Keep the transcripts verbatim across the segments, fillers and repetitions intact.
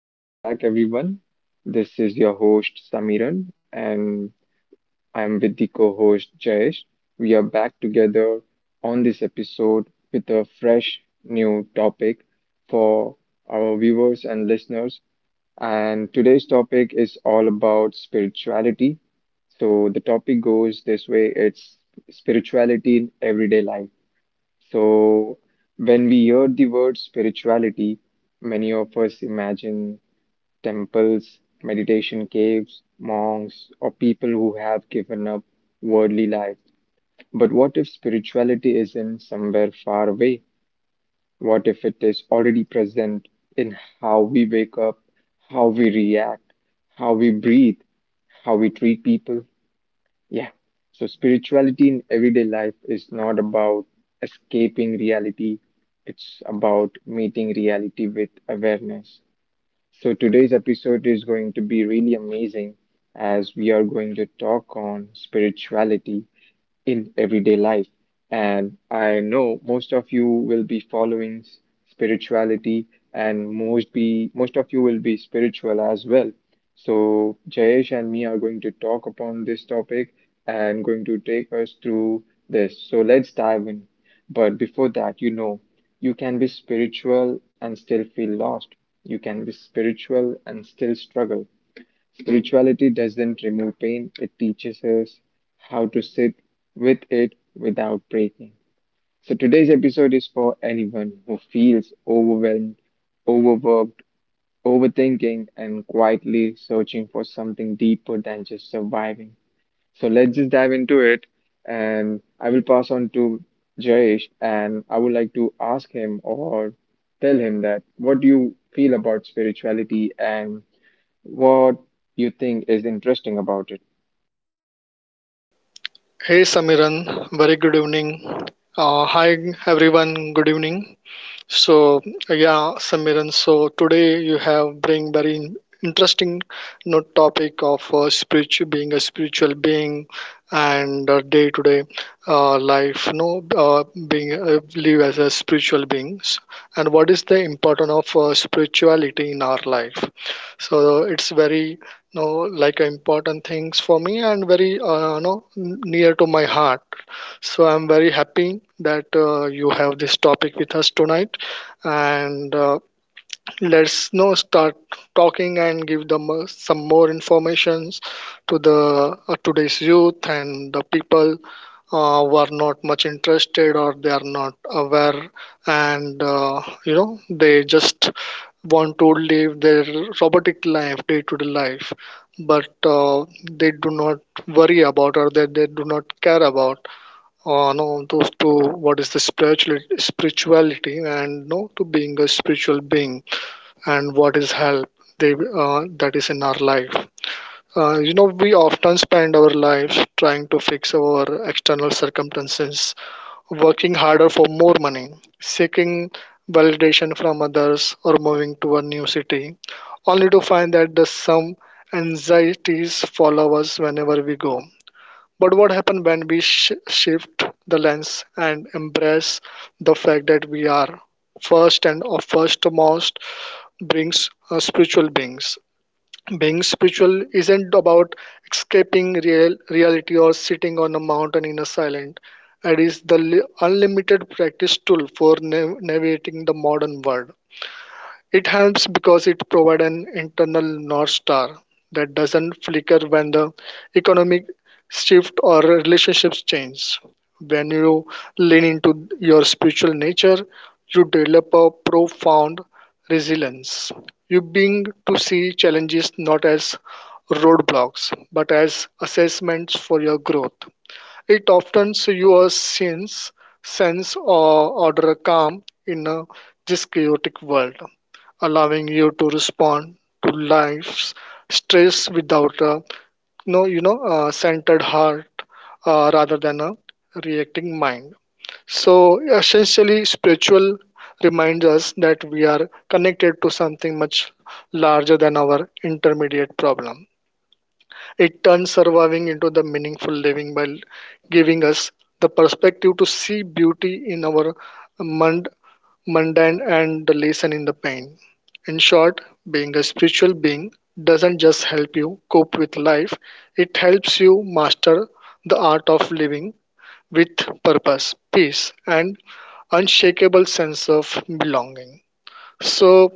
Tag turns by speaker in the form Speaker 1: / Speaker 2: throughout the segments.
Speaker 1: Welcome back, everyone. This is your host, Samiran, and I'm with the co host, Jayesh. We are back together on this episode with a fresh new topic for our viewers and listeners. And today's topic is all about spirituality. So, the topic goes this way. It's spirituality in everyday life. So, when we hear the word spirituality, many of us imagine temples, meditation caves, monks, or people who have given up worldly life. But what if spirituality is in somewhere far away? What if it is already present in how we wake up, how we react, how we breathe, how we treat people? Yeah. So, spirituality in everyday life is not about escaping reality, it's about meeting reality with awareness. So, today's episode is going to be really amazing as we are going to talk on spirituality in everyday life. And I know most of you will be following s- spirituality, and most be most of you will be spiritual as well. So Jayesh and me are going to talk upon this topic and going to take us through this. So let's dive in. But before that, you know, you can be spiritual and still feel lost. You can be spiritual and still struggle. Spirituality doesn't remove pain, it teaches us how to sit with it without breaking. So, today's episode is for anyone who feels overwhelmed, overworked, overthinking, and quietly searching for something deeper than just surviving. So, let's just dive into it. And I will pass on to Jayesh, and I would like to ask him or tell him that what do you feel about spirituality and what you think is interesting about it?
Speaker 2: Hey Samiran, very good evening. Uh, hi everyone, good evening. So yeah, Samiran, so today you have bring very in- interesting you know, topic of uh, spiritual being, a spiritual being and day to day life. You know, uh, being uh, live as a spiritual beings and what is the importance of uh, spirituality in our life. So it's very you know like important things for me and very uh, you know n- near to my heart. So I'm very happy that uh, you have this topic with us tonight and uh, let's now start talking and give them uh, some more informations to the uh, today's youth and the people uh, who are not much interested or they are not aware and uh, you know they just want to live their robotic life, day to day life, but uh, they do not worry about or that they do not care about uh, no those to what is the spiritual spirituality and no to being a spiritual being and what is help they uh, that is in our life. uh, you know we often spend our lives trying to fix our external circumstances, working harder for more money, seeking validation from others, or moving to a new city, only to find that the some anxieties follow us whenever we go. But what happens when we sh- shift the lens and embrace the fact that we are first and of firstmost brings uh, spiritual beings? Being spiritual isn't about escaping real reality or sitting on a mountain in a silent. It is the li- unlimited practice tool for nav- navigating the modern world. It helps because it provides an internal north star that doesn't flicker when the economic shift or relationships change. When you lean into your spiritual nature, you develop a profound resilience. You begin to see challenges not as roadblocks but as assessments for your growth. It often your sense sense or order calm in a this chaotic world, allowing you to respond to life's stress without a no you know uh, centered heart uh, rather than a reacting mind. So essentially spiritual reminds us that we are connected to something much larger than our intermediate problem. It turns surviving into the meaningful living by giving us the perspective to see beauty in our mon- mundane and the lesson in the pain. In short, being a spiritual being doesn't just help you cope with life, it helps you master the art of living with purpose, peace, and unshakable sense of belonging. So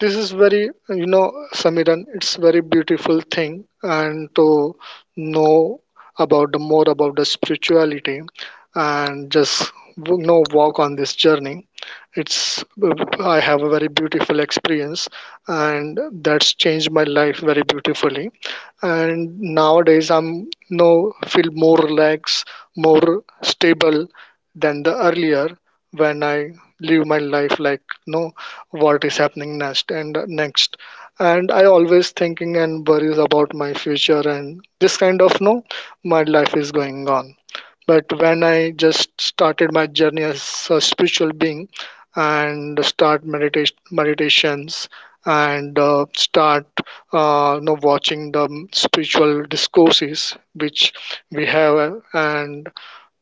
Speaker 2: this is very you know Samiran, it's very beautiful thing and to know about the more about the spirituality and just you know walk on this journey. It's, I have a very beautiful experience and that's changed my life very beautifully. And nowadays I'm no feel more relaxed, more stable than the earlier when I live my life like no what is happening next and next. And I always thinking and worries about my future and this kind of no, my life is going on. But when I just started my journey as a spiritual being and start medita- meditations and uh, start uh, you know, watching the spiritual discourses which we have, uh, and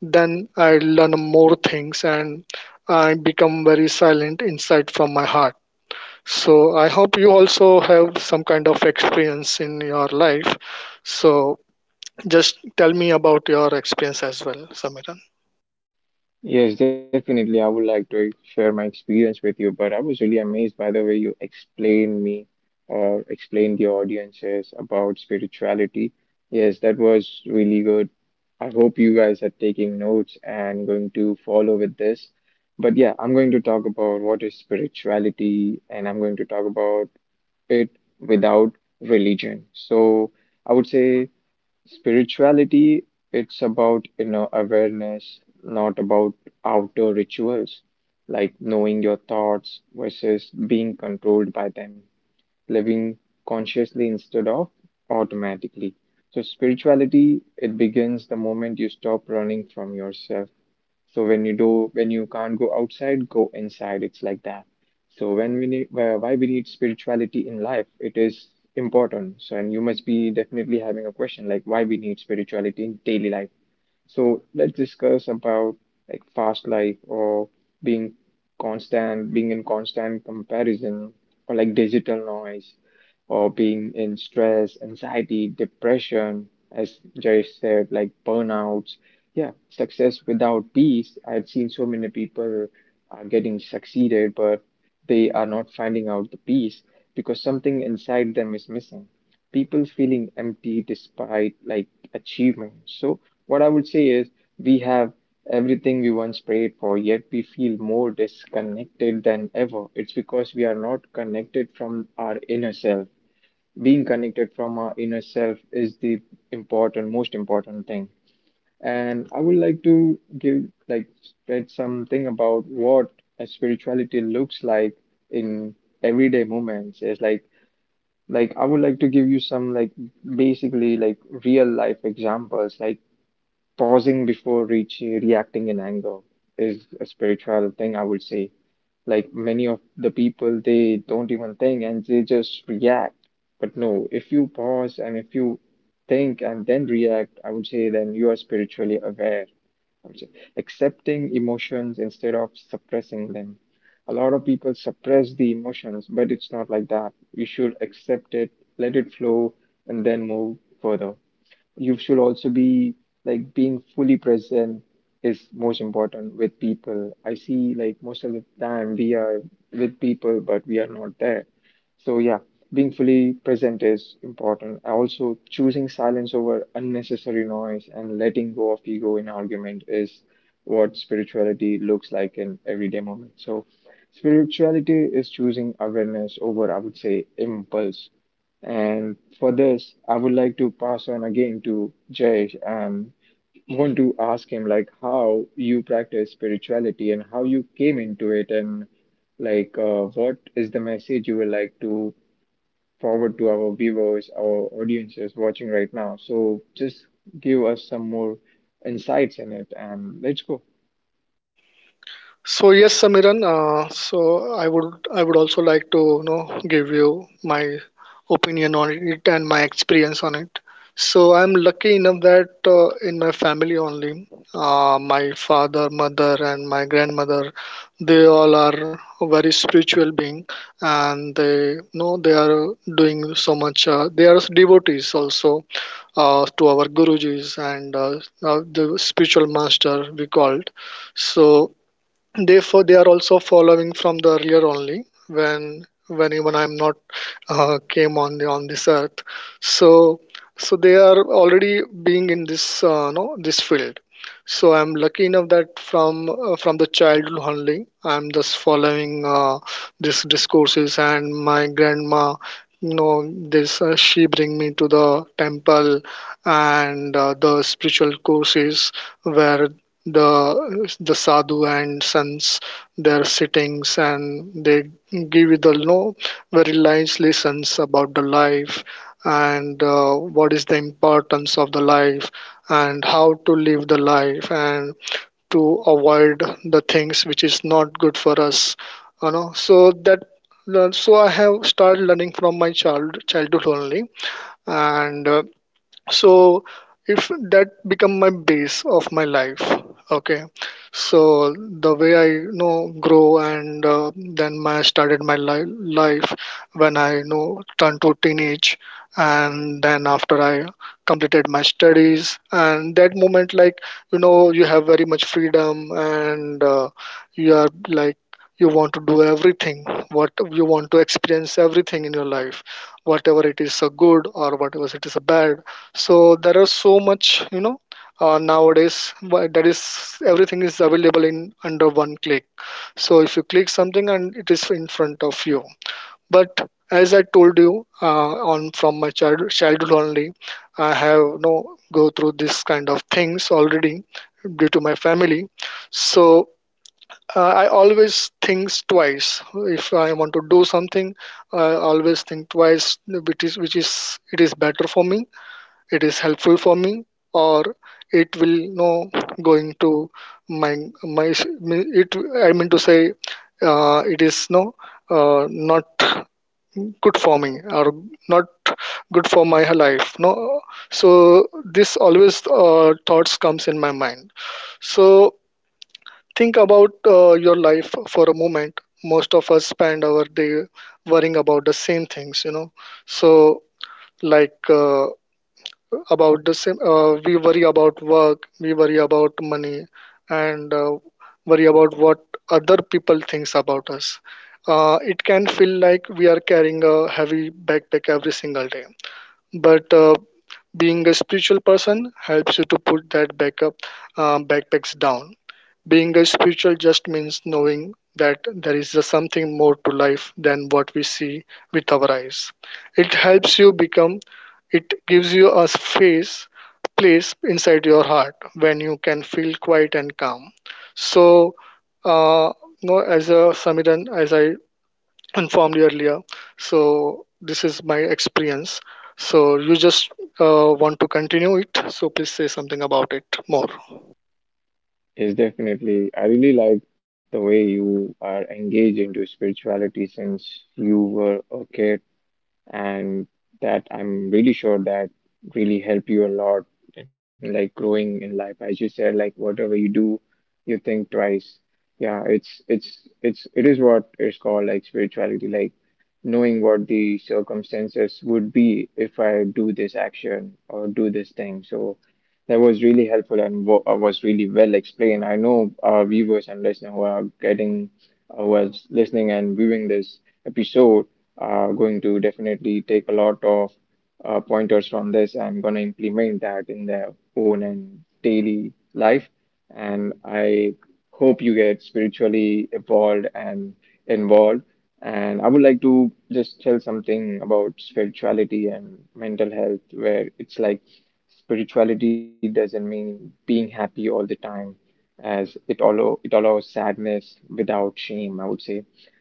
Speaker 2: then I learn more things and I become very silent inside from my heart. So I hope you also have some kind of experience in your life. So just tell me about your experience as well, Samira.
Speaker 1: Yes, definitely. I would like to share my experience with you, but I was really amazed by the way you explained me or explained the audiences about spirituality. Yes, that was really good. I hope you guys are taking notes and going to follow with this. But yeah, I'm going to talk about what is spirituality and I'm going to talk about it without religion. So I would say spirituality, it's about inner awareness, not about outer rituals, like knowing your thoughts versus being controlled by them, living consciously instead of automatically. So, spirituality, it begins the moment you stop running from yourself. So when you do, when you can't go outside, go inside. It's like that. So when we need, why why we need spirituality in life, it is important. So and you must be definitely having a question like why we need spirituality in daily life. So let's discuss about like fast life, or being constant, being in constant comparison, or like digital noise, or being in stress, anxiety, depression, as Jayesh said, like burnouts. Yeah, success without peace. I've seen so many people are getting succeeded, but they are not finding out the peace because something inside them is missing. People feeling empty despite like achievement. So what I would say is we have everything we once prayed for, yet we feel more disconnected than ever. It's because we are not connected from our inner self. Being connected from our inner self is the important, most important thing. And I would like to give like spread something about what a spirituality looks like in everyday moments. It's like like, I would like to give you some, like, basically, like, real life examples. Like, pausing before reaching, reacting in anger is a spiritual thing, I would say. Like, many of the people they don't even think and they just react. But no, if you pause and if you think and then react, I would say then you are spiritually aware. I would say accepting emotions instead of suppressing them. A lot of people suppress the emotions, but it's not like that. You should accept it, let it flow, and then move further. You should also be like being fully present is most important with people. I see like most of the time we are with people, but we are not there. So yeah, being fully present is important. Also, choosing silence over unnecessary noise and letting go of ego in argument is what spirituality looks like in everyday moment. So spirituality is choosing awareness over, I would say, impulse. And for this, I would like to pass on again to Jay and want to ask him like how you practice spirituality and how you came into it, and like uh, what is the message you would like to forward to our viewers, our audiences watching right now. So just give us some more insights in it, and let's go.
Speaker 2: So yes, Samiran. Uh, so I would I would also like to you know give you my opinion on it and my experience on it. So I'm lucky enough that uh, in my family only, uh, my father, mother, and my grandmother, they all are very spiritual being, and they you know they are doing so much. Uh, they are devotees also uh, to our gurujis and uh, uh, the spiritual master we called. So therefore they are also following from the earlier only when when even I'm not uh, came on the on this earth. So so they are already being in this uh, no this field. So I'm lucky enough that from uh, from the childhood only I'm just following uh, these discourses. And my grandma, you know this uh, she bring me to the temple and uh, the spiritual courses where the the sadhu and sons, their sittings, and they give you the no very nice lessons about the life and uh, what is the importance of the life and how to live the life and to avoid the things which is not good for us, you know so that. So I have started learning from my child childhood only and uh, so if that become my base of my life, okay. So the way I you know grow and uh, then my started my li- life, when I you know turned to teenage and then after I completed my studies, and that moment like you know you have very much freedom and uh, you are like you want to do everything, what you want to experience everything in your life, whatever it is a good or whatever it is a bad. So there are so much you know uh, nowadays wha- that is everything is available in under one click. So if you click something and it is in front of you, but as I told you, uh, on from my child, childhood only, I have you know go through this kind of things already due to my family. So uh, I always thinks twice. If I want to do something, I always think twice, which is which is it is better for me, it is helpful for me, or it will no going to my my it I mean to say, uh, it is no uh, not good for me or not good for my life, no. So this always uh, thoughts comes in my mind. So think about uh, your life for a moment. Most of us spend our day worrying about the same things, you know so like uh, about the same uh, we worry about work, we worry about money, and uh, worry about what other people thinks about us. Uh, it can feel like we are carrying a heavy backpack every single day. But uh, being a spiritual person helps you to put that back up, uh, backpacks down. Being a spiritual just means knowing that there is a something more to life than what we see with our eyes. It helps you become, it gives you a space, place inside your heart when you can feel quiet and calm. So, uh, no, as a Samiran, as I informed you earlier, so this is my experience. So you just uh, want to continue it, so please say something about it more.
Speaker 1: Yes, definitely. I really like the way you are engaged into spirituality since you were a kid, and that I'm really sure that really help you a lot in like growing in life. As you said, like whatever you do, you think twice. Yeah, it's it's it's it is what is called like spirituality, like knowing what the circumstances would be if I do this action or do this thing. So that was really helpful and wa- uh, was really well explained. I know our viewers and listeners who are getting, uh, who are listening and viewing this episode are going to definitely take a lot of uh, pointers from this and going to implement that in their own and daily life. And I hope you get spiritually evolved and involved. And I would like to just tell something about spirituality and mental health, where it's like. Spirituality doesn't mean being happy all the time, as it allow it allows sadness without shame, I would say.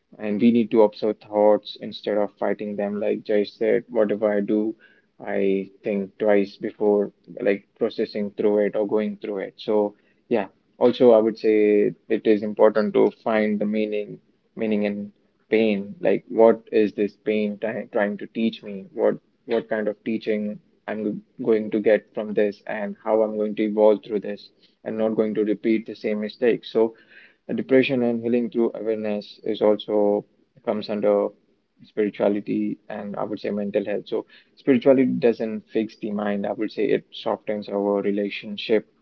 Speaker 1: And we need to observe thoughts instead of fighting them. Like Jay said, whatever I do, I think twice before like processing through it or going through it. So yeah. Also, I would say it is important to find the meaning, meaning in pain. Like, what is this pain try trying to teach me? What what kind of teaching I'm going to get from this, and how I'm going to evolve through this, and not going to repeat the same mistake. So, uh, depression and healing through awareness is also comes under spirituality and I would say mental health. So spirituality doesn't fix the mind. I would say it softens our relationship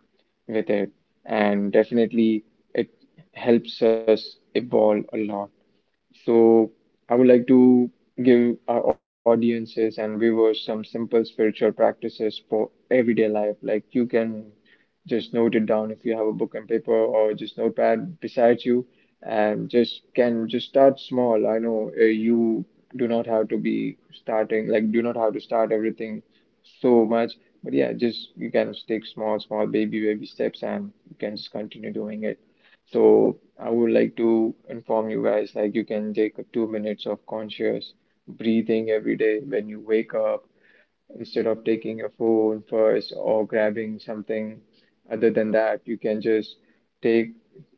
Speaker 1: with it, and definitely it helps us evolve a lot. So, I would like to give our audiences and viewers some simple spiritual practices for everyday life. Like, you can just note it down if you have a book and paper or just notepad beside you, and just can just start small. I know uh, you do not have to be starting, like, do not have to start everything so much, but yeah, just you can just take small, small, baby, baby steps, and you can just continue doing it. So I would like to inform you guys like you can take a two minutes of conscious breathing every day when you wake up, instead of taking your phone first or grabbing something. Other than that, you can just take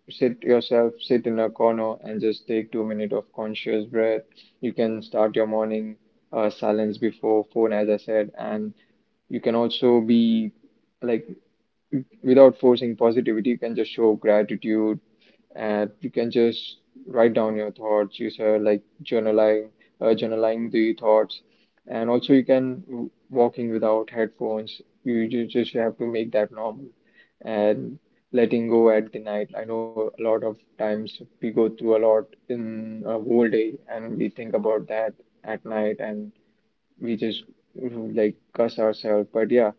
Speaker 1: sit yourself, sit in a corner and just take two minutes of conscious breath. You can start your morning uh, silence before phone, as I said. And you can also be like, without forcing positivity, you can just show gratitude. And you can just write down your thoughts, you say like journaling. Uh, journaling the thoughts. And also you can w- walking without headphones. You, you just have to make that normal. And letting go at the night. I know a lot of times we go through a lot in a whole day, and we think about that at night, and we just you know, like cuss ourselves. But yeah,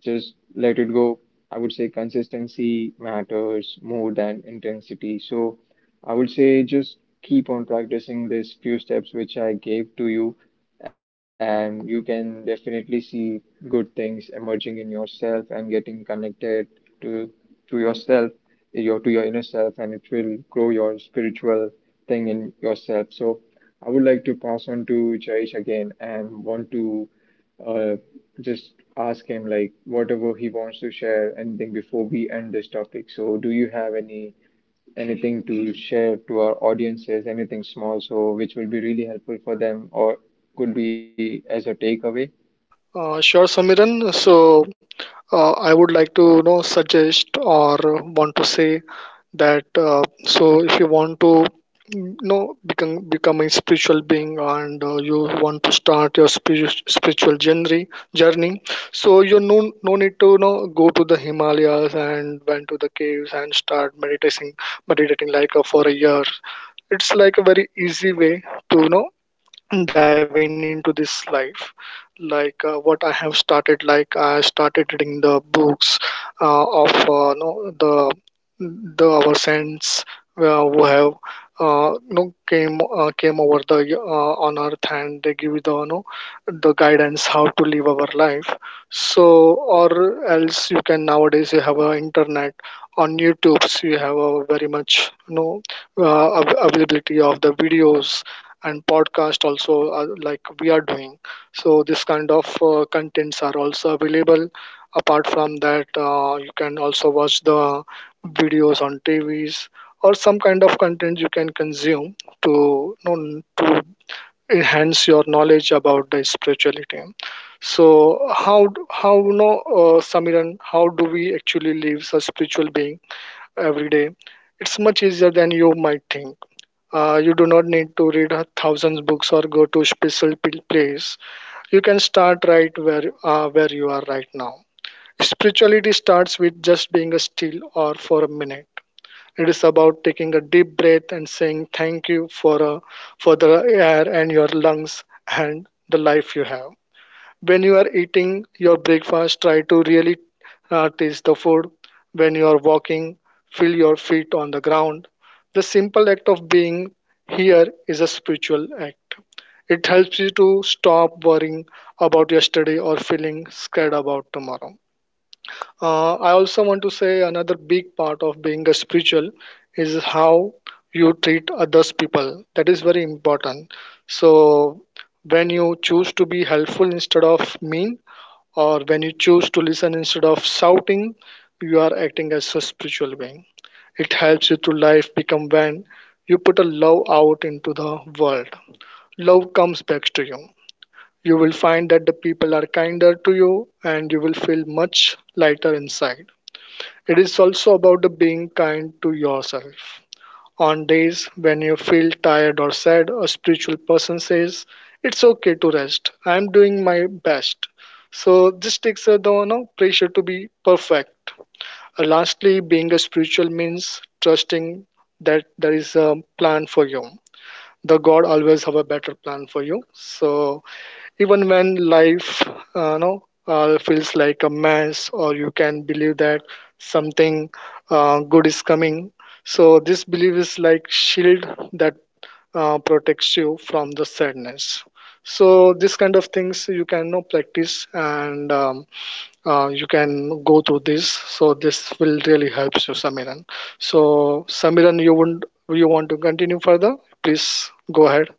Speaker 1: just let it go. I would say consistency matters more than intensity. So I would say just keep on practicing these few steps which I gave to you, and you can definitely see good things emerging in yourself and getting connected to to yourself, your to your inner self, and it will grow your spiritual thing in yourself. So I would like to pass on to Jayesh again and want to uh, just ask him like whatever he wants to share anything before we end this topic. So do you have any anything to share to our audiences, anything small so which will be really helpful for them or could be as a takeaway?
Speaker 2: Uh, sure, Samiran. So uh, I would like to you know suggest or want to say that uh, so if you want to mm, you know become become a spiritual being and uh, you want to start your spiritu- spiritual journey journey, so you no no need to you know go to the Himalayas and went to the caves and start meditating meditating like uh, for a year. It's like a very easy way to you know diving into this life. Like uh, what I have started, like I started reading the books uh, of uh, no, the the our saints uh, who have uh, no came uh, came over the uh, on earth and they give the no the guidance how to live our life. So or else you can nowadays you have a internet. On YouTube you have a very much you know uh, av- availability of the videos and podcast also, uh, like we are doing. So this kind of uh, contents are also available. Apart from that, uh, you can also watch the videos on TVs or some kind of content you can consume to you know, to enhance your knowledge about the spirituality. So how d- how you know uh, Samiran, how do we actually live as a spiritual being every day? It's much easier than you might think. Uh, you do not need to read uh, thousands books or go to special p- place. You can start right where uh, where you are right now. Spirituality starts with just being a still or for a minute. It is about taking a deep breath and saying thank you for uh, for the air and your lungs and the life you have. When you are eating your breakfast, try to really uh, taste the food. When you are walking, feel your feet on the ground. The simple act of being here is a spiritual act. It helps you to stop worrying about yesterday or feeling scared about tomorrow. uh, I also want to say another big part of being a spiritual is how you treat others people. That is very important. So when you choose to be helpful instead of mean, or when you choose to listen instead of shouting, you are acting as a spiritual being. It helps you to life become when you put a love out into the world. Love comes back to you. You will find that the people are kinder to you and you will feel much lighter inside. It is also about the being kind to yourself. On days when you feel tired or sad, a spiritual person says, it's okay to rest. I'm doing my best. So this takes a down no pressure to be perfect. Uh, lastly, being a spiritual means trusting that there is a plan for you. The God always have a better plan for you. So even when life uh, no uh, feels like a mess or you can believe that something uh, good is coming. So this belief is like shield that uh, protects you from the sadness. So this kind of things you can no practice and um, uh, you can go through this. So this will really helps you, Samiran. So Samiran, you wouldn't you want to continue further, please go ahead.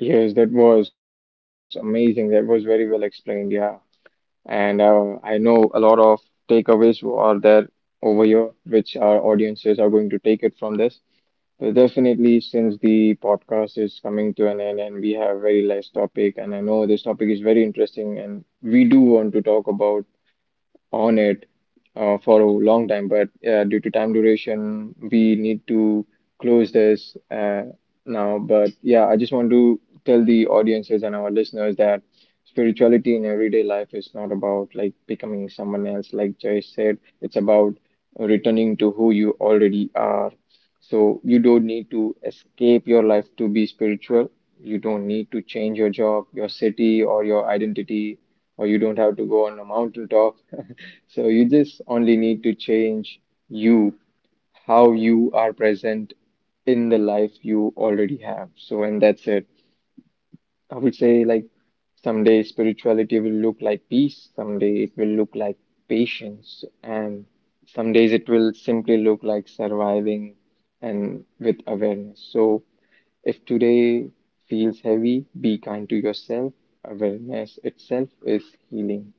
Speaker 1: Yes, that was amazing. That was very well explained. Yeah. And uh, I know a lot of takeaways are there over here, which our audiences are going to take it from this. Uh, Definitely, since the podcast is coming to an end and we have very less topic, and I know this topic is very interesting, and we do want to talk about on it uh, for a long time, but uh, due to time duration, we need to close this uh, now. But yeah, I just want to tell the audiences and our listeners that spirituality in everyday life is not about like becoming someone else, like Jay said. It's about returning to who you already are. So you don't need to escape your life to be spiritual. You don't need to change your job, your city or your identity, or you don't have to go on a mountaintop. So you just only need to change you, how you are present in the life you already have. So and that's it. I would say like someday spirituality will look like peace, someday it will look like patience, and some days it will simply look like surviving and with awareness. So if today feels heavy, be kind to yourself. Awareness itself is healing.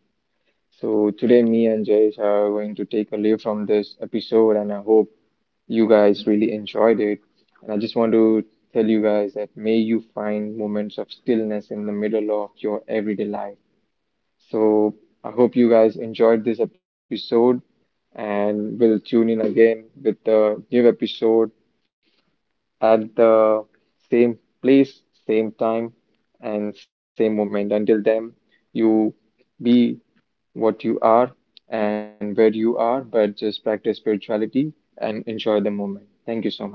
Speaker 1: So today me and Jayesh are going to take a leave from this episode, and I hope you guys really enjoyed it. And I just want to tell you guys that may you find moments of stillness in the middle of your everyday life. So I hope you guys enjoyed this episode and we'll tune in again with the new episode at the same place, same time, and same moment. Until then, you be what you are and where you are, but just practice spirituality and enjoy the moment. Thank you so much.